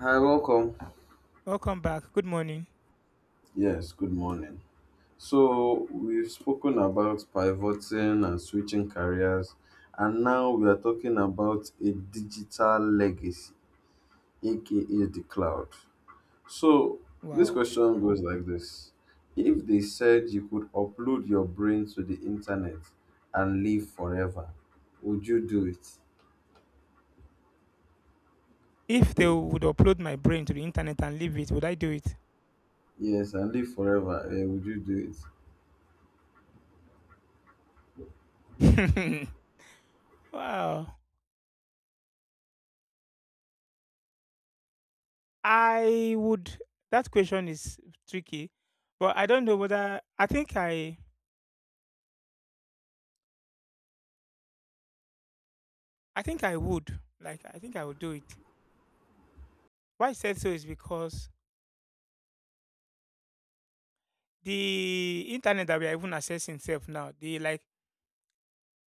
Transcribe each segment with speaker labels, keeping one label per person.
Speaker 1: Hi, welcome.
Speaker 2: Welcome back. Good morning.
Speaker 1: Yes, good morning. So, we've spoken about pivoting and switching careers, and now we are talking about a digital legacy, aka the cloud. So, this
Speaker 2: Wow.
Speaker 1: question goes like this: if they said you could upload your brain to the internet and live forever, would you do it?
Speaker 2: If they would upload my brain to the internet and leave it, would I do it?
Speaker 1: Yes, and live forever, would you do it?
Speaker 2: wow. I would. That question is tricky, but I don't know whether I think I. I think I would. I think I would do it. Why I said so is because the internet that we are even accessing itself now,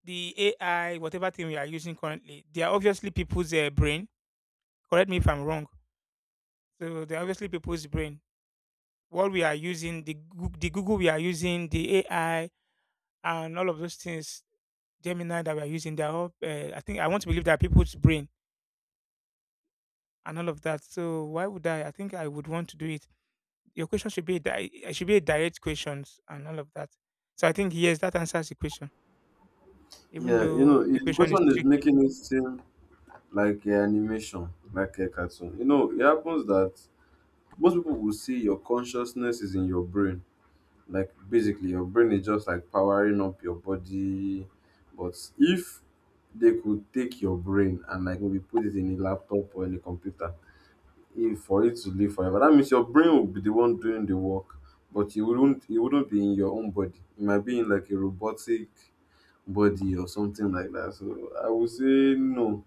Speaker 2: the AI, whatever thing we are using currently, they are obviously people's brain. Correct me if I'm wrong. So they're obviously people's brain what we are using, the Google we are using, the AI, and all of those things, Gemini that we are using, they're all. I think I want to believe that people's brain and all of that. So why would I? I think I would want to do it. Your question should be di- it should be a direct questions and all of that. So I think yes, that answers the question, even
Speaker 1: Yeah, you know,
Speaker 2: though the
Speaker 1: the
Speaker 2: question is
Speaker 1: question is
Speaker 2: tricky.
Speaker 1: making it seem like a animation, like a cartoon. You know, it happens that most people will see your consciousness is in your brain. Like basically, your brain is just like powering up your body. But if they could take your brain and like maybe put it in a laptop or in a computer, if for it to live forever, that means your brain will be the one doing the work, but you wouldn't. It wouldn't be in your own body. It might be in like a robotic body or something like that. So I would say no.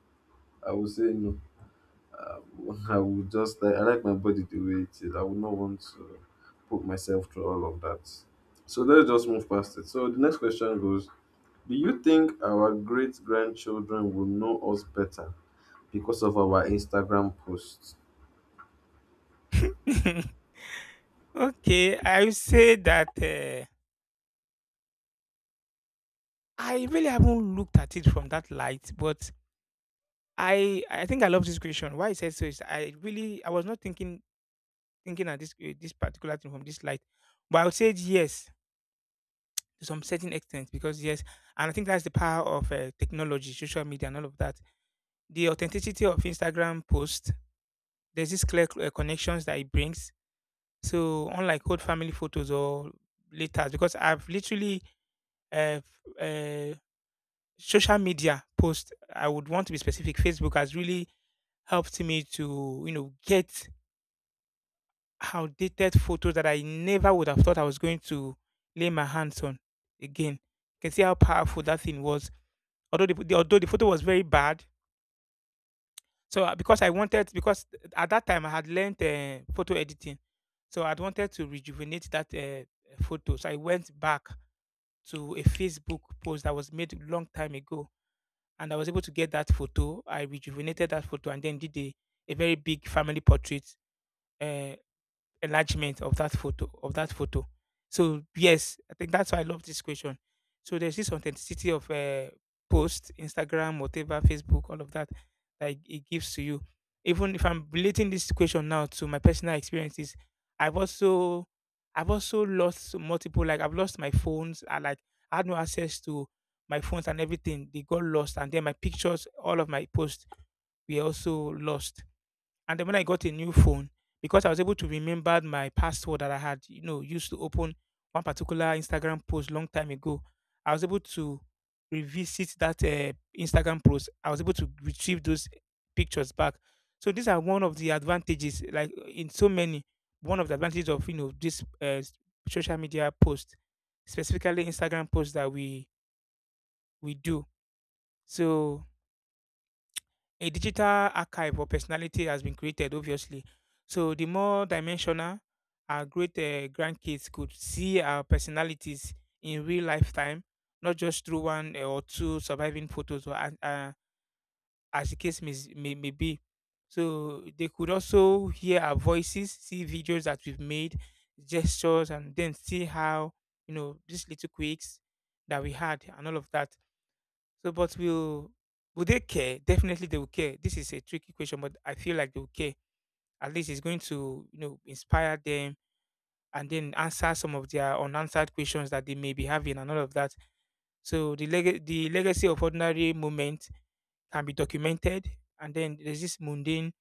Speaker 1: I would say no uh, I would just like I like my body the way it is. I would not want to put myself through all of that. So let's just move past it. So the next question goes: do you think our great grandchildren will know us better because of our Instagram posts?
Speaker 2: okay, I would say that I really haven't looked at it from that light, but I think I love this question. Why I said so is I was not thinking at this this particular thing from this light. But I would say yes to some certain extent because yes, and I think that's the power of technology, social media, and all of that. The authenticity of Instagram post. There's this clear connections that it brings. So unlike old family photos or letters, because uh, f- uh, social media post. I would want to be specific. Facebook has really helped me to you know get outdated photos that I never would have thought I was going to lay my hands on again. You can see how powerful that thing was. Although although the photo was very bad, so because at that time I had learned photo editing, so I'd wanted to rejuvenate that photo. So I went back to a Facebook post that was made long time ago, and I was able to get that photo. I rejuvenated that photo and then did a very big family portrait. Uh, Enlargement of that photo of that photo. So yes, I think that's why I love this question. So there's this authenticity of post, Instagram, whatever, Facebook, all of that that it gives to you. Even if I'm relating this question now to my personal experiences, I've also I've also lost multiple like I've lost my phones. I had no access to my phones and everything. They got lost and then my pictures, all of my posts were also lost. And then when I got a new phone, because I was able to remember my password that I had, you know, used to open one particular Instagram post long time ago, I was able to revisit that Instagram post. I was able to retrieve those pictures back. So these are one of the advantages, like in so many, one of the advantages of you know this social media post, specifically Instagram post that we do. So a digital archive of personality has been created, obviously. So the more dimensional our great grandkids could see our personalities in real lifetime, not just through one or two surviving photos, or as the case may, may be. So they could also hear our voices, see videos that we've made, gestures, and then see how you know these little quirks that we had and all of that so, but will they care? Definitely, they will care. This is a tricky question, but I feel like they will care. At least it's going to you know inspire them and then answer some of their unanswered questions that they may be having and all of that. So the legacy of ordinary moment can be documented, and then there's this mundane.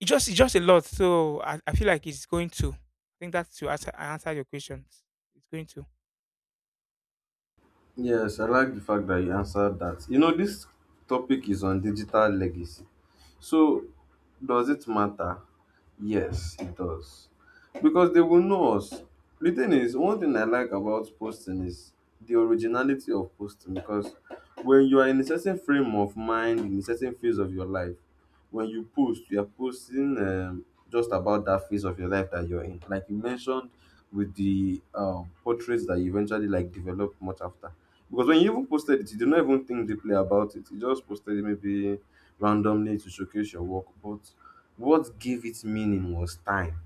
Speaker 2: It's just a lot. So I feel like it's going to. I think that's to answer, answer your questions. It's going to.
Speaker 1: Yes, I like the fact that you answered that. You know, this topic is on digital legacy. So, does it matter? Yes, it does. Because they will know us. The thing is, one thing I like about posting is the originality of posting. Because when you are in a certain frame of mind, in a certain phase of your life, when you post, you are posting just about that phase of your life that you're in. Like you mentioned with the portraits that you eventually like developed much after, because when you even posted it, you did not even think deeply about it. You just posted it maybe randomly to showcase your work. But what gave it meaning was time.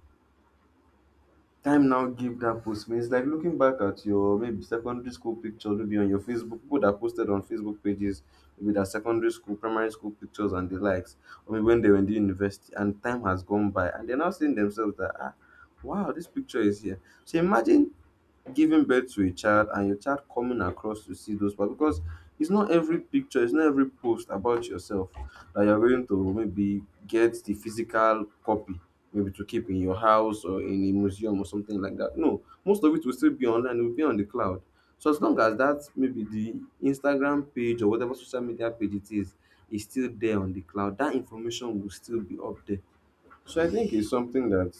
Speaker 1: Time now gave that post means, like looking back at your maybe secondary school picture, maybe on your Facebook, people that posted on Facebook pages, maybe their secondary school, primary school pictures and the likes, or maybe when they were in the university and time has gone by and they're now seeing themselves that ah, wow, this picture is here. So imagine giving birth to a child and your child coming across to see those parts, because it's not every picture, it's not every post about yourself that you're going to maybe get the physical copy, maybe to keep in your house or in a museum or something like that. No, most of it will still be online, it will be on the cloud. So as long as that maybe the Instagram page or whatever social media page it is still there on the cloud, that information will still be up there. So I think it's something that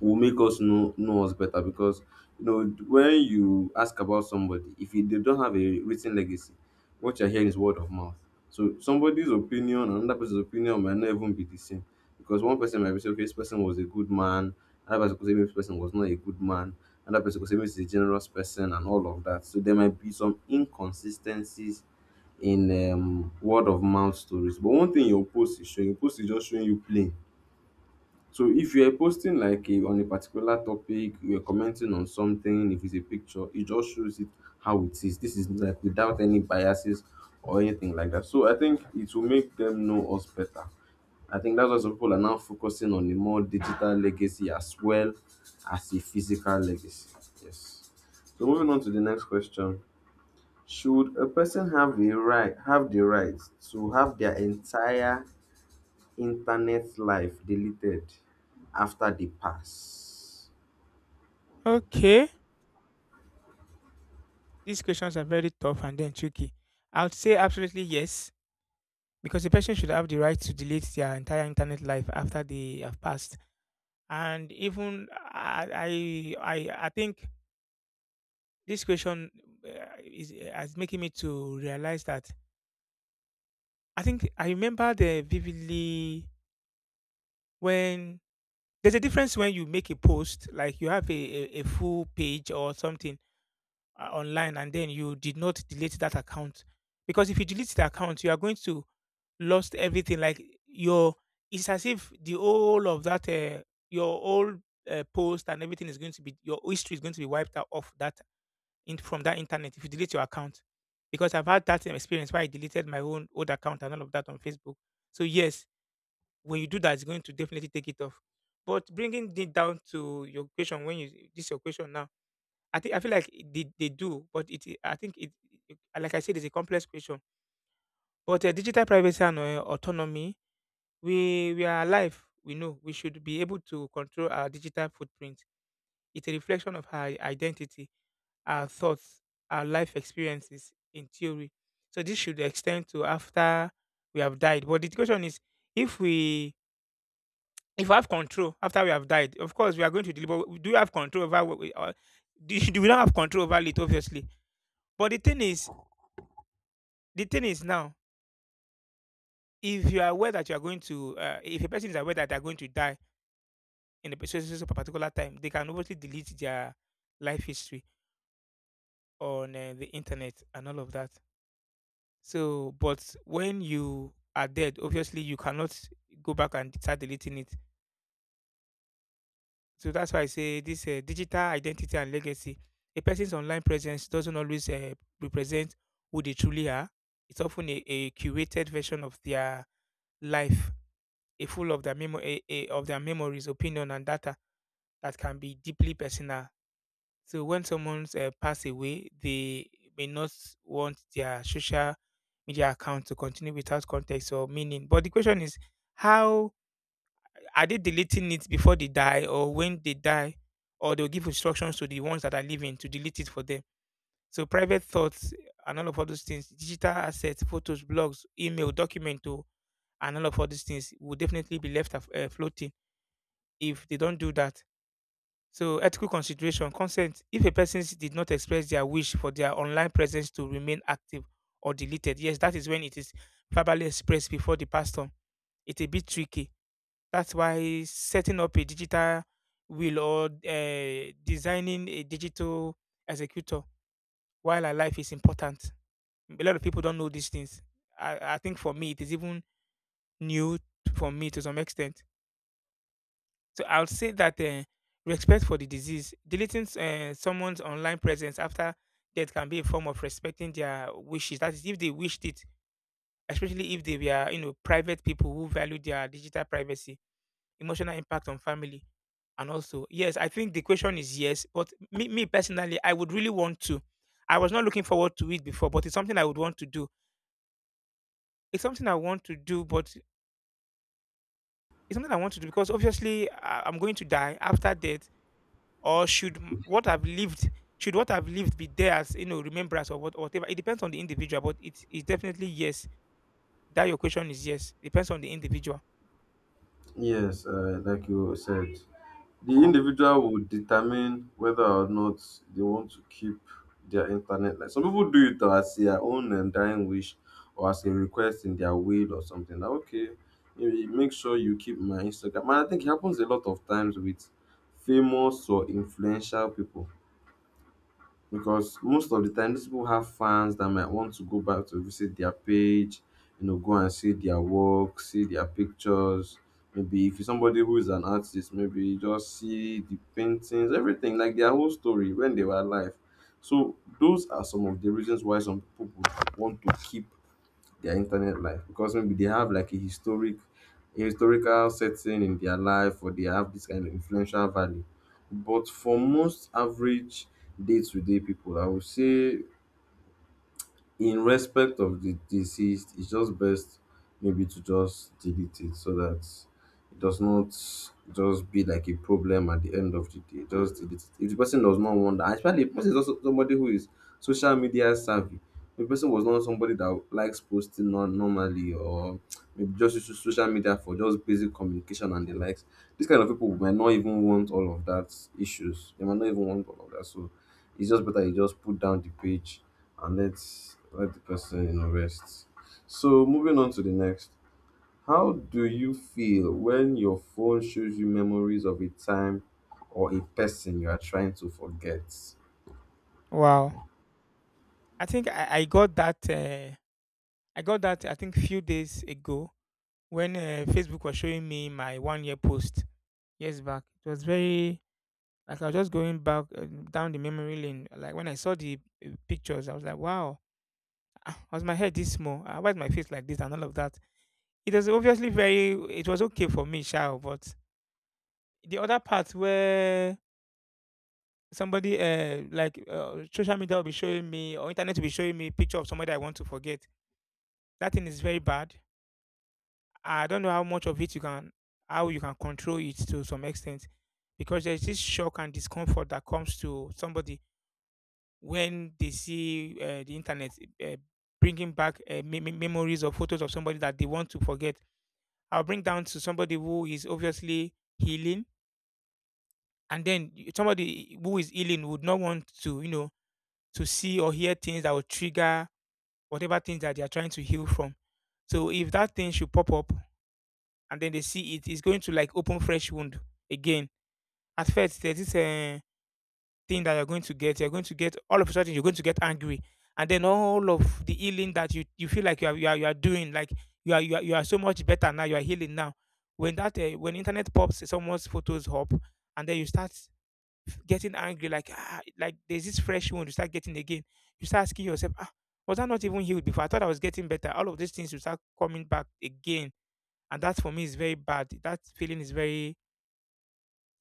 Speaker 1: will make us know us better, because you know when you ask about somebody, if you, they don't have a written legacy, what you're hearing is word of mouth, so somebody's opinion and another person's opinion might not even be the same, because one person might be say okay this person was a good man, another person could say this person was not a good man, another person could say this is a generous person, and all of that. So there might be some inconsistencies in word of mouth stories, but one thing your post is just showing you plain. So if you are posting like a, on a particular topic, you're commenting on something, if it's a picture, it just shows it how it is. This is like without any biases or anything like that. So I think it will make them know us better. I think that's why some people are now focusing on a more digital legacy as well as a physical legacy. Yes. So moving on to the next question. Should a person have the right to have their entire internet life deleted after the pass.
Speaker 2: Okay, these questions are very tough and then tricky. I would say absolutely yes because the person should have the right to delete their entire internet life after they have passed. And even I think this question uh, is making me to realize that I think I remember the vividly when there's a difference when you make a post, like you have a full page or something online, and then you did not delete that account. Because if you delete the account, you are going to lost everything. It's as if the whole of that, your old post and everything is going to be your history is going to be wiped out off that from that internet if you delete your account. Because I've had that same experience where I deleted my own old account and all of that on Facebook. So yes, when you do that, it's going to definitely take it off. But bringing it down to your question, when you this your question now, I think I feel like they do, but it I think it, it- like I said, it's a complex question. But digital privacy and autonomy we are alive. We know we should be able to control our digital footprint. It's a reflection of our identity, our thoughts, our life experiences in theory. So this should extend to after we have died. But the question is, if we if we have control after we have died, of course we are going to deliver. We do have control over what we do. We don't have control over it, obviously. But the thing is now, if you are aware that you are going to, if a person is aware that they are going to die in a particular time, they can obviously delete their life history on the internet and all of that. So, but when you are dead, obviously you cannot go back and start deleting it. So that's why I say this digital identity and legacy. A person's online presence doesn't always represent who they truly are. It's often a curated version of their life, a full of their memories, opinion, and data that can be deeply personal. So when someone's passed away, they may not want their social media account to continue without context or meaning. But the question is, how are they deleting it before they die, or when they die, or they'll give instructions to the ones that are living to delete it for them? So private thoughts and all of all those things, digital assets, photos, blogs, email, document, oh, and all of all these things will definitely be left floating if they don't do that. So ethical consideration, consent. If did not express their wish for their online presence to remain active or deleted, yes, that is when it is verbally expressed before the pastor. It's a bit tricky. That's why setting up a digital will or designing a digital executor while alive is important. A lot of people don't know these things. I think for me, it is even new for me to some extent. So I would say that respect for the disease, deleting someone's online presence after death can be a form of respecting their wishes. That is, if they wished it, especially if they were, you know, private people who value their digital privacy, emotional impact on family, and also yes, I think the question is yes. But me personally, I would really want to. I was not looking forward to it before, but it's something I would want to do. It's something I want to do, but it's something I want to do because obviously I'm going to die after death or should m- what I've lived should what I've lived be there as you know remembrance or what or whatever? It depends on the individual, but it's definitely yes. That your question is yes. Depends on the individual.
Speaker 1: Yes, like you said, the individual would determine whether or not they want to keep their internet life. Some people do it as their own and dying wish or as a request in their will or something. Like, okay, you make sure you keep my Instagram. And I think it happens a lot of times with famous or influential people, because most of the time these people have fans that might want to go back to visit their page, you know, go and see their work, see their pictures, maybe if you're somebody who is an artist, maybe just see the paintings, everything, like their whole story when they were alive. So those are some of the reasons why some people would want to keep their internet life, because maybe they have like a historical setting in their life, or they have this kind of influential value. But for most average day-to-day people, I would say in respect of the deceased, it's just best maybe to just delete it, so that it does not just be like a problem at the end of the day. Just delete it. If the person does not want that, especially if the person is also somebody who is social media savvy, if the person was not somebody that likes posting normally, or maybe just use social media for just basic communication and the likes, this kind of people might not even want all of that issues. They might not even want all of that. So it's just better you just put down the page and let's let the person, you know, rest. So moving on to the next. How do you feel when your phone shows you memories of a time or a person you are trying to forget?
Speaker 2: Wow. I think I got that I got that I think few days ago when Facebook was showing me my 1 year post years back. It was very. Like I was just going back down the memory lane. Like when I saw the pictures, I was like, wow, ah, was my head this small? Ah, why is my face like this and all of that? It was obviously very, it was okay for me, sure. But the other part where somebody, like social media will be showing me or internet will be showing me picture of somebody I want to forget. That thing is very bad. I don't know how much of it you can, how you can control it to some extent because there's this shock and discomfort that comes to somebody when they see the internet uh, bringing back memories or photos of somebody that they want to forget. I'll bring down to somebody who is obviously healing, and then somebody who is healing would not want to, to see or hear things that will trigger whatever things that they are trying to heal from. So if that thing should pop up and then they see it, it's going to like open fresh wound again. At first, there's this thing that you're going to get all of a sudden you're going to get angry, and then all of the healing that you feel like you are doing, like you are so much better now, you are healing now. When that when internet pops someone's photos up, and then you start getting angry, like ah, like there's this fresh wound you start getting again. You start asking yourself, ah, was I not even healed before? I thought I was getting better. All of these things will start coming back again, and that for me is very bad. That feeling is very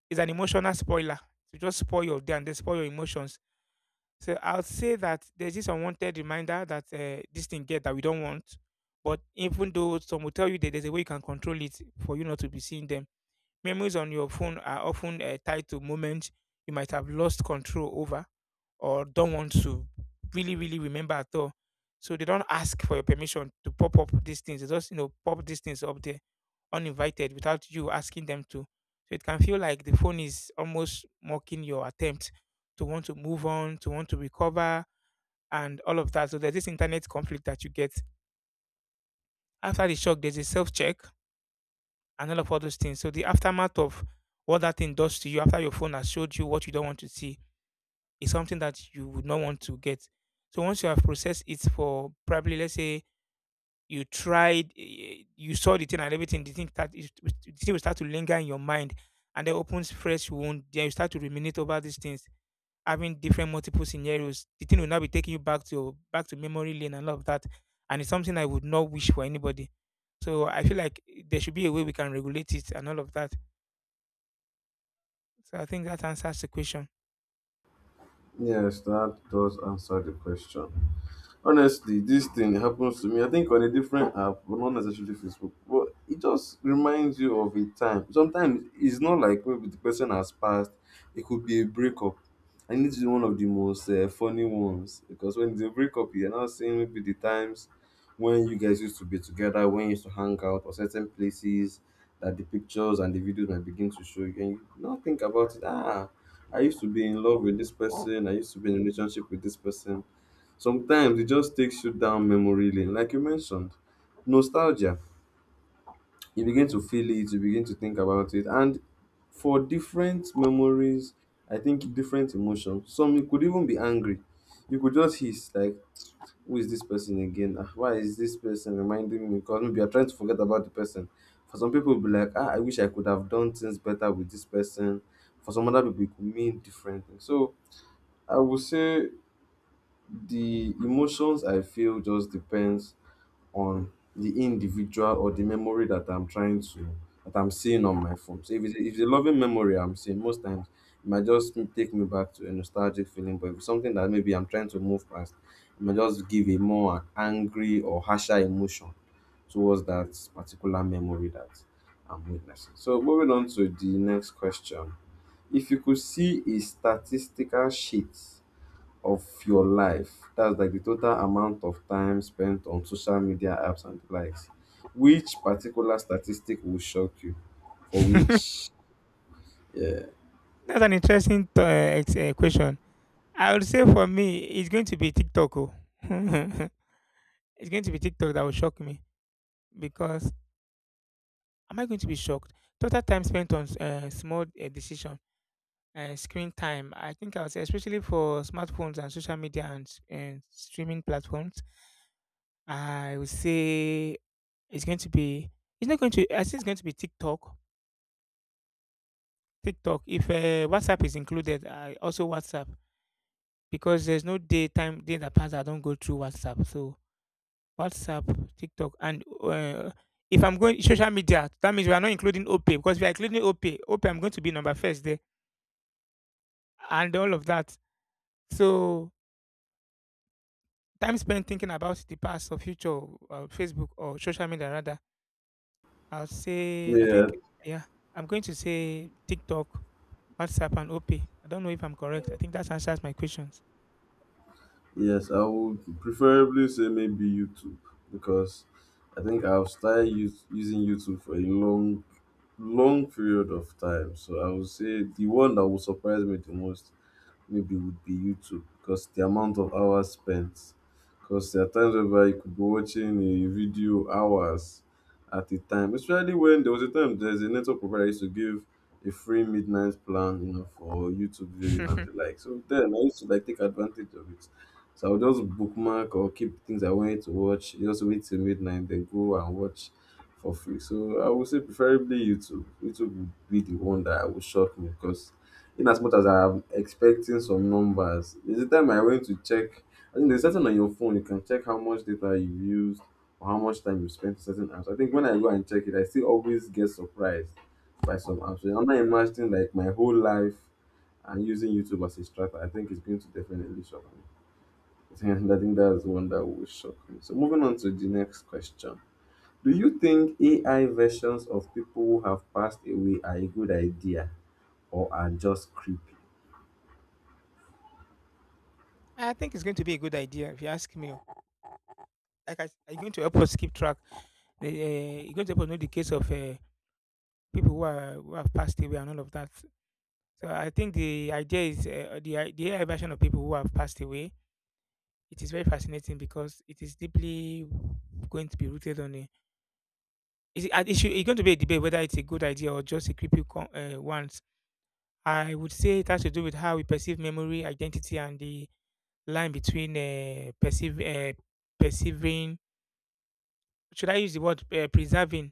Speaker 2: is an emotional spoiler. To just spoil your day and then spoil your emotions. So I'll say that there's this unwanted reminder that this thing get that we don't want. But even though some will tell you that there's a way you can control it for you not to be seeing them, memories on your phone are often tied to moments you might have lost control over or don't want to really, really remember at all. So they don't ask for your permission to pop up these things. They just, you know, pop these things up there uninvited without you asking them to. So it can feel like the phone is almost mocking your attempt to want to move on, to want to recover, and all of that. So there's this internet conflict that you get. After the shock, there's a self check and all those things. So the aftermath of what that thing does to you after your phone has showed you what you don't want to see is something that you would not want to get. So once you have processed it for probably let's say you tried, eh, you saw the thing and everything, the thing will start to linger in your mind, and then opens fresh wound. Then you start to ruminate over these things, having different multiple scenarios. The thing will now be taking you back to memory lane and all of that, and it's something I would not wish for anybody. So I feel like eh, there should be a way we can regulate it and all of that. So I think that answers the question.
Speaker 1: Yes, that does answer the question. Honestly, this thing happens to me. I think on a different app, but not necessarily Facebook. But it just reminds you of a time. Sometimes it's not like maybe the person has passed. It could be a breakup. And it's one of the most funny ones, because when it's a breakup, you're now seeing maybe the times when you guys used to be together, when you used to hang out, or certain places that the pictures and the videos might begin to show you, and you now think about it. Ah, I used to be in love with this person. I used to be in a relationship with this person. Sometimes it just takes you down memory lane, like you mentioned. Nostalgia. You begin to feel it, you begin to think about it. And for different memories, I think different emotions. Some you could even be angry. You could just hiss, like, who is this person again? Ah, why is this person reminding me? Because maybe you're trying to forget about the person. For some people, it'll be like, ah, I wish I could have done things better with this person. For some other people, it could mean different things. So I would say the emotions I feel just depends on the individual or the memory that I'm trying to that I'm seeing on my phone. So if it's a loving memory I'm seeing, most times it might just take me back to a nostalgic feeling. But if it's something that maybe I'm trying to move past, it might just give a more angry or harsher emotion towards that particular memory that I'm witnessing. So moving on to the next question. If you could see a statistical sheet of your life. That's like the total amount of time spent on social media apps and the likes. Which particular statistic will shock you? For which, yeah,
Speaker 2: That's an interesting question. I would say for me, it's going to be TikTok. Oh. It's going to be TikTok that will shock me because am I going to be shocked? Total time spent on small screen time. I think I would say, especially for smartphones and social media and streaming platforms, I would say it's going to be. It's not going to. I think it's going to be TikTok. TikTok. If WhatsApp is included, I also WhatsApp because there's no day that passes I don't go through WhatsApp. So WhatsApp, TikTok, and if I'm going social media, that means we are not including OPay because we are including OPay. OPay, I'm going to be number first there, and all of that. So time spent thinking about the past or future, Facebook or social media rather. I'll say I
Speaker 1: yeah,
Speaker 2: think yeah, I'm going to say TikTok, WhatsApp, and OPay. I don't know if I'm correct. I think that answers my questions.
Speaker 1: yes, I would preferably say maybe YouTube, because I think I've started using YouTube for a long, long period of time. So I would say the one that will surprise me the most maybe would be YouTube, because the amount of hours spent. Because there are times where you could be watching a video hours at a time, especially when there was a time there's a network provider used to give a free midnight plan, you know, for YouTube viewing and the like. So then I used to like take advantage of it. So I would just bookmark or keep things I wanted to watch, just wait till midnight, then go and watch for free. So I would say preferably YouTube. YouTube would be the one that I would shock me, because in as much as I'm expecting some numbers, there's a time I went to check. I think there's certain on your phone you can check how much data you used or how much time you spent on certain apps. I think when I go and check it, I still always get surprised by some apps. So I'm not imagining like my whole life and using YouTube as a strata. I think it's going to definitely shock me. And I think that's one that will shock me. So moving on to the next question. Do you think AI versions of people who have passed away are a good idea or are just creepy?
Speaker 2: I think it's going to be a good idea if you ask me. Oh. You're going to help us keep track. You're going to help us know the case of people who are who have passed away and all of that. So I think the idea is the AI version of people who have passed away. It is very fascinating because it is deeply going to be rooted on a. Is it, and it should, it's going to be a debate whether it's a good idea or just a creepy one. I would say it has to do with how we perceive memory, identity, and the line between perceiving. Should I use the word preserving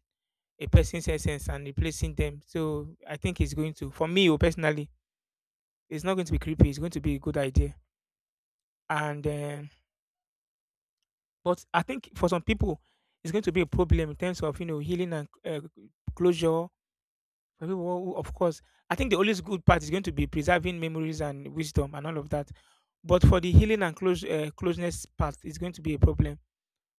Speaker 2: a person's essence and replacing them? So I think it's going to, for me oh, personally, it's not going to be creepy. It's going to be a good idea. And but I think for some people, it's going to be a problem in terms of you know healing and closure. For people, of course, I think the always good part is going to be preserving memories and wisdom and all of that. But for the healing and closeness part, it's going to be a problem.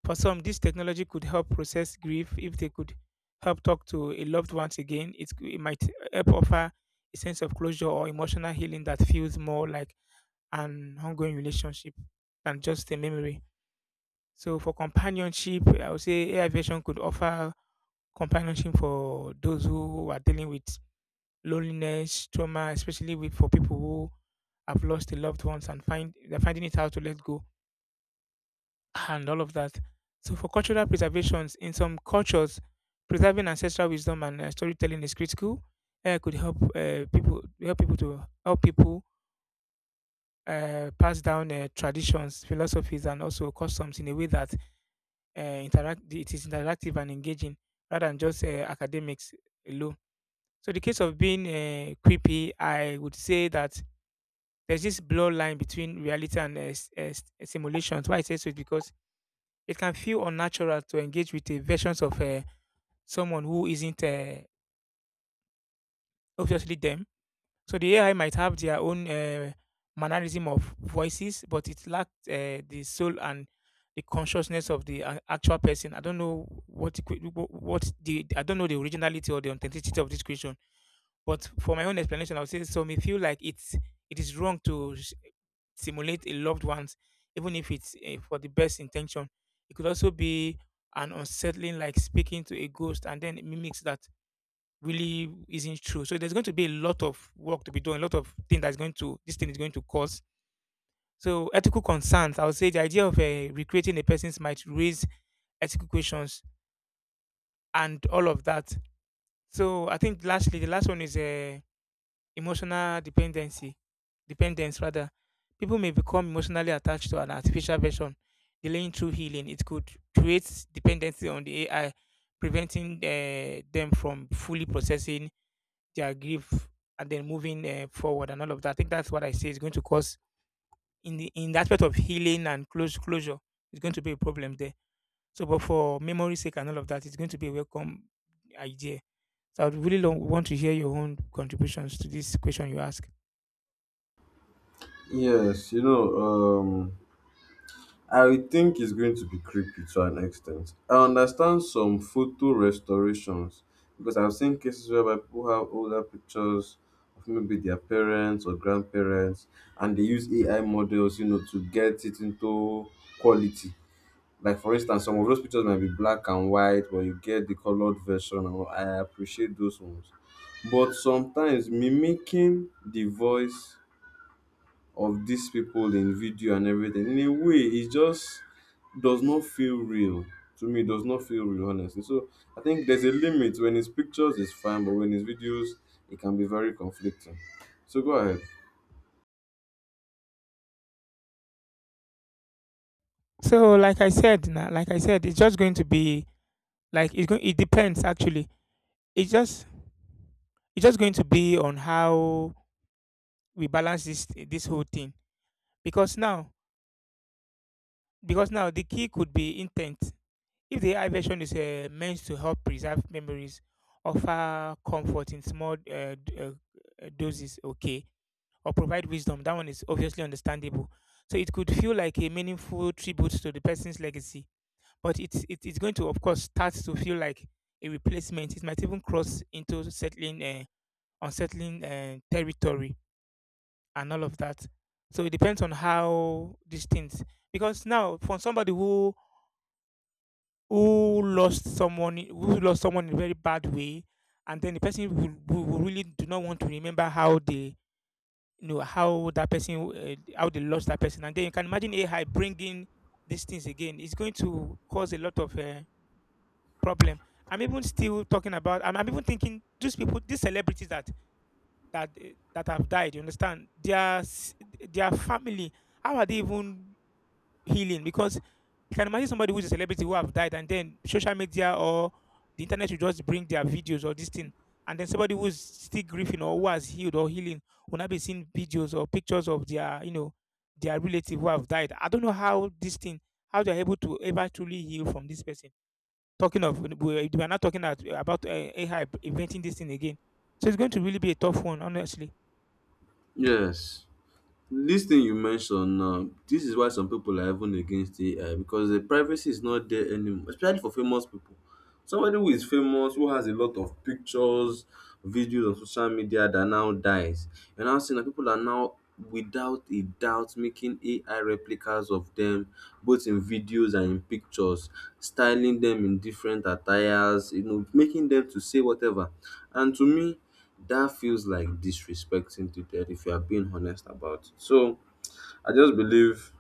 Speaker 2: For some, this technology could help process grief if they could help talk to a loved ones again. It might help offer a sense of closure or emotional healing that feels more like an ongoing relationship than just a memory. So for companionship, I would say AI version could offer companionship for those who are dealing with loneliness, trauma, especially with for people who have lost a loved ones and find they're finding it hard to let go and all of that. So for cultural preservations, in some cultures, preserving ancestral wisdom and storytelling is critical. AI could help people help people to help people pass down traditions, philosophies, and also customs in a way that interact it is interactive and engaging rather than just academics alone. So the case of being creepy, I would say that there's this blur line between reality and simulations. Why I say so is because it can feel unnatural to engage with the versions of someone who isn't obviously them. So the AI might have their own mannerism of voices, but it lacked the soul and the consciousness of the actual person. I don't know what it what the I don't know the originality or the authenticity of this question, but for my own explanation, I would say so. Me feel like it is wrong to simulate a loved one's, even if it's for the best intention. It could also be an unsettling, like speaking to a ghost and then it mimics that really isn't true. So there's going to be a lot of work to be done, a lot of thing that's going to this thing is going to cause. So ethical concerns, I would say the idea of recreating a person's might raise ethical questions and all of that. So I think lastly, the last one is emotional dependence rather. People may become emotionally attached to an artificial version, delaying true healing. It could create dependency on the AI, preventing them from fully processing their grief and then moving forward and all of that. I think that's what I say is going to cause in the aspect of healing and close closure. It's going to be a problem there. So, but for memory sake and all of that, it's going to be a welcome idea. So, I would really want to hear your own contributions to this question you ask.
Speaker 1: Yes, you know, um, I think it's going to be creepy to an extent. I understand some photo restorations because I've seen cases whereby people have older pictures of maybe their parents or grandparents and they use AI models, you know, to get it into quality. Like, for instance, some of those pictures might be black and white, but you get the colored version, and all. I appreciate those ones. But sometimes mimicking the voice of these people in video and everything. In a way, it just does not feel real. To me, it does not feel real, honestly. So I think there's a limit. When it's pictures, it's fine, but when it's videos, it can be very conflicting. So go ahead.
Speaker 2: So, like I said, it's just going to be like it's going. It depends actually. It's just it's just going to be on how we balance this whole thing because now the key could be intent. If the AI version is meant to help preserve memories, offer comfort in small doses, okay, or provide wisdom, that one is obviously understandable. So it could feel like a meaningful tribute to the person's legacy, it's going to, of course, start to feel like a replacement. It might even cross into unsettling territory, and all of that. So it depends on how these things, because now for somebody who who lost someone in a very bad way and then the person will really do not want to remember how they you know how that person how they lost that person. And then you can imagine AI bringing these things again, it's going to cause a lot of problem. I'm even still talking about I'm even thinking these people, these celebrities that that uh, that have died, you understand their family, how are they even healing? Because you can imagine somebody who's a celebrity who have died, and then social media or the internet will just bring their videos or this thing, and then somebody who's still grieving or who has healed or healing will not be seeing videos or pictures of their you know their relative who have died. I don't know how this thing how they're able to ever truly heal from this person, talking of we are not talking about AI inventing this thing again. So it's going to really be a tough one, honestly.
Speaker 1: Yes. This thing you mentioned, this is why some people are even against AI because the privacy is not there anymore, especially for famous people. Somebody who is famous, who has a lot of pictures, videos on social media that now dies. You're now seeing that people are now, without a doubt, making AI replicas of them, both in videos and in pictures, styling them in different attires, you know, making them to say whatever. And to me, that feels like disrespecting to death if you are being honest about it. So I just believe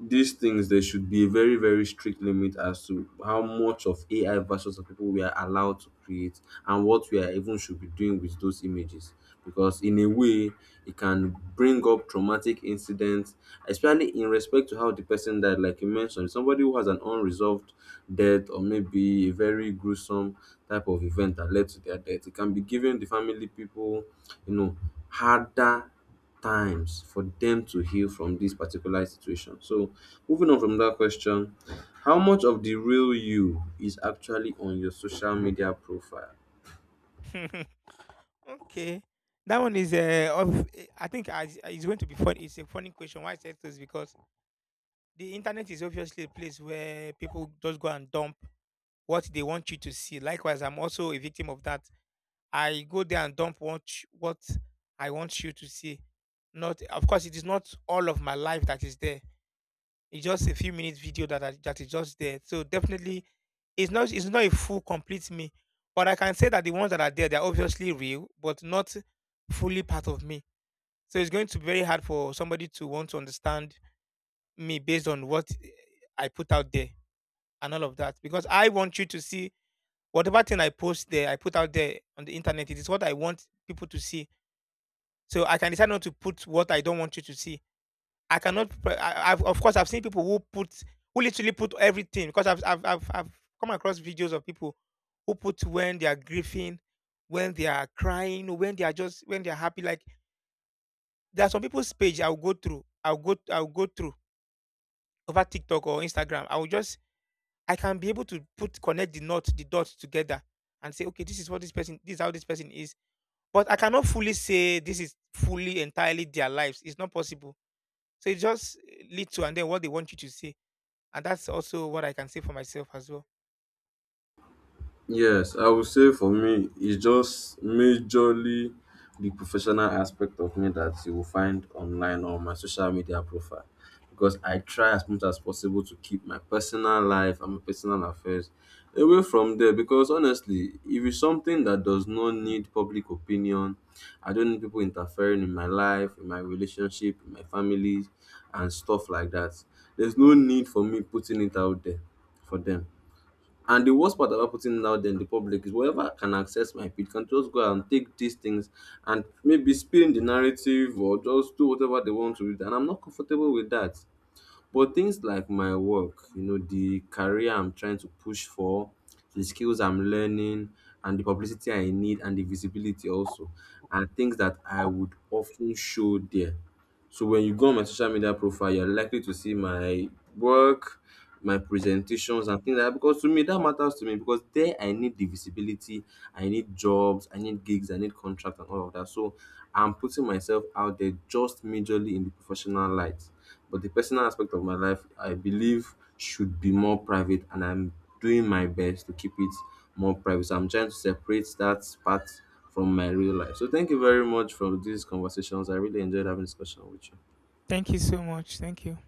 Speaker 1: these things, there should be a very very strict limit as to how much of AI versions of people we are allowed to create, and what we are even should be doing with those images. Because in a way, it can bring up traumatic incidents, especially in respect to how the person died. Like you mentioned, somebody who has an unresolved death or maybe a very gruesome type of event that led to their death, it can be giving the family people, you know, harder times for them to heal from this particular situation. So, moving on from that question, how much of the real you is actually on your social media profile?
Speaker 2: Okay, that one is I think it's going to be fun. It's a funny question. Why I said this because the internet is obviously a place where people just go and dump what they want you to see. Likewise, I'm also a victim of that. I go there and dump what I want you to see. Not, of course, it is not all of my life that is there. It's just a few minutes video that that is just there. So definitely, it's not a full complete me. But I can say that the ones that are there, they're obviously real, but not fully part of me, so it's going to be very hard for somebody to want to understand me based on what I put out there and all of that. Because I want you to see whatever thing I post there, I put out there on the internet, it is what I want people to see. So I can decide not to put what I don't want you to see. I cannot, pre- I, I've, of course, I've seen people who put, who literally put everything because I've come across videos of people who put when they are grieving, when they are crying, when they are happy. Like there are some people's page I'll go through. I'll go through over TikTok or Instagram, I will just I can be able to put connect the knot, the dots together and say, okay, this is how this person is. But I cannot fully say this is fully entirely their lives. It's not possible. So it just leads to and then what they want you to say. And that's also what I can say for myself as well.
Speaker 1: Yes, I would say for me, it's just majorly the professional aspect of me that you will find online on my social media profile. Because I try as much as possible to keep my personal life and my personal affairs away from there. Because honestly, if it's something that does not need public opinion, I don't need people interfering in my life, in my relationship, in my family, and stuff like that. There's no need for me putting it out there for them. And the worst part about putting it out there in the public is whoever can access my feed can just go and take these things and maybe spin the narrative or just do whatever they want to with it. And I'm not comfortable with that. But things like my work, you know, the career I'm trying to push for, the skills I'm learning, and the publicity I need, and the visibility also, are things that I would often show there. So when you go on my social media profile, you're likely to see my work, my presentations, and things like that. Because to me, that matters to me because there I need the visibility, I need jobs, I need gigs, I need contracts, and all of that. So I'm putting myself out there just majorly in the professional light. But the personal aspect of my life, I believe, should be more private, and I'm doing my best to keep it more private. So I'm trying to separate that part from my real life. So thank you very much for these conversations. I really enjoyed having discussion with you.
Speaker 2: Thank you so much. Thank you.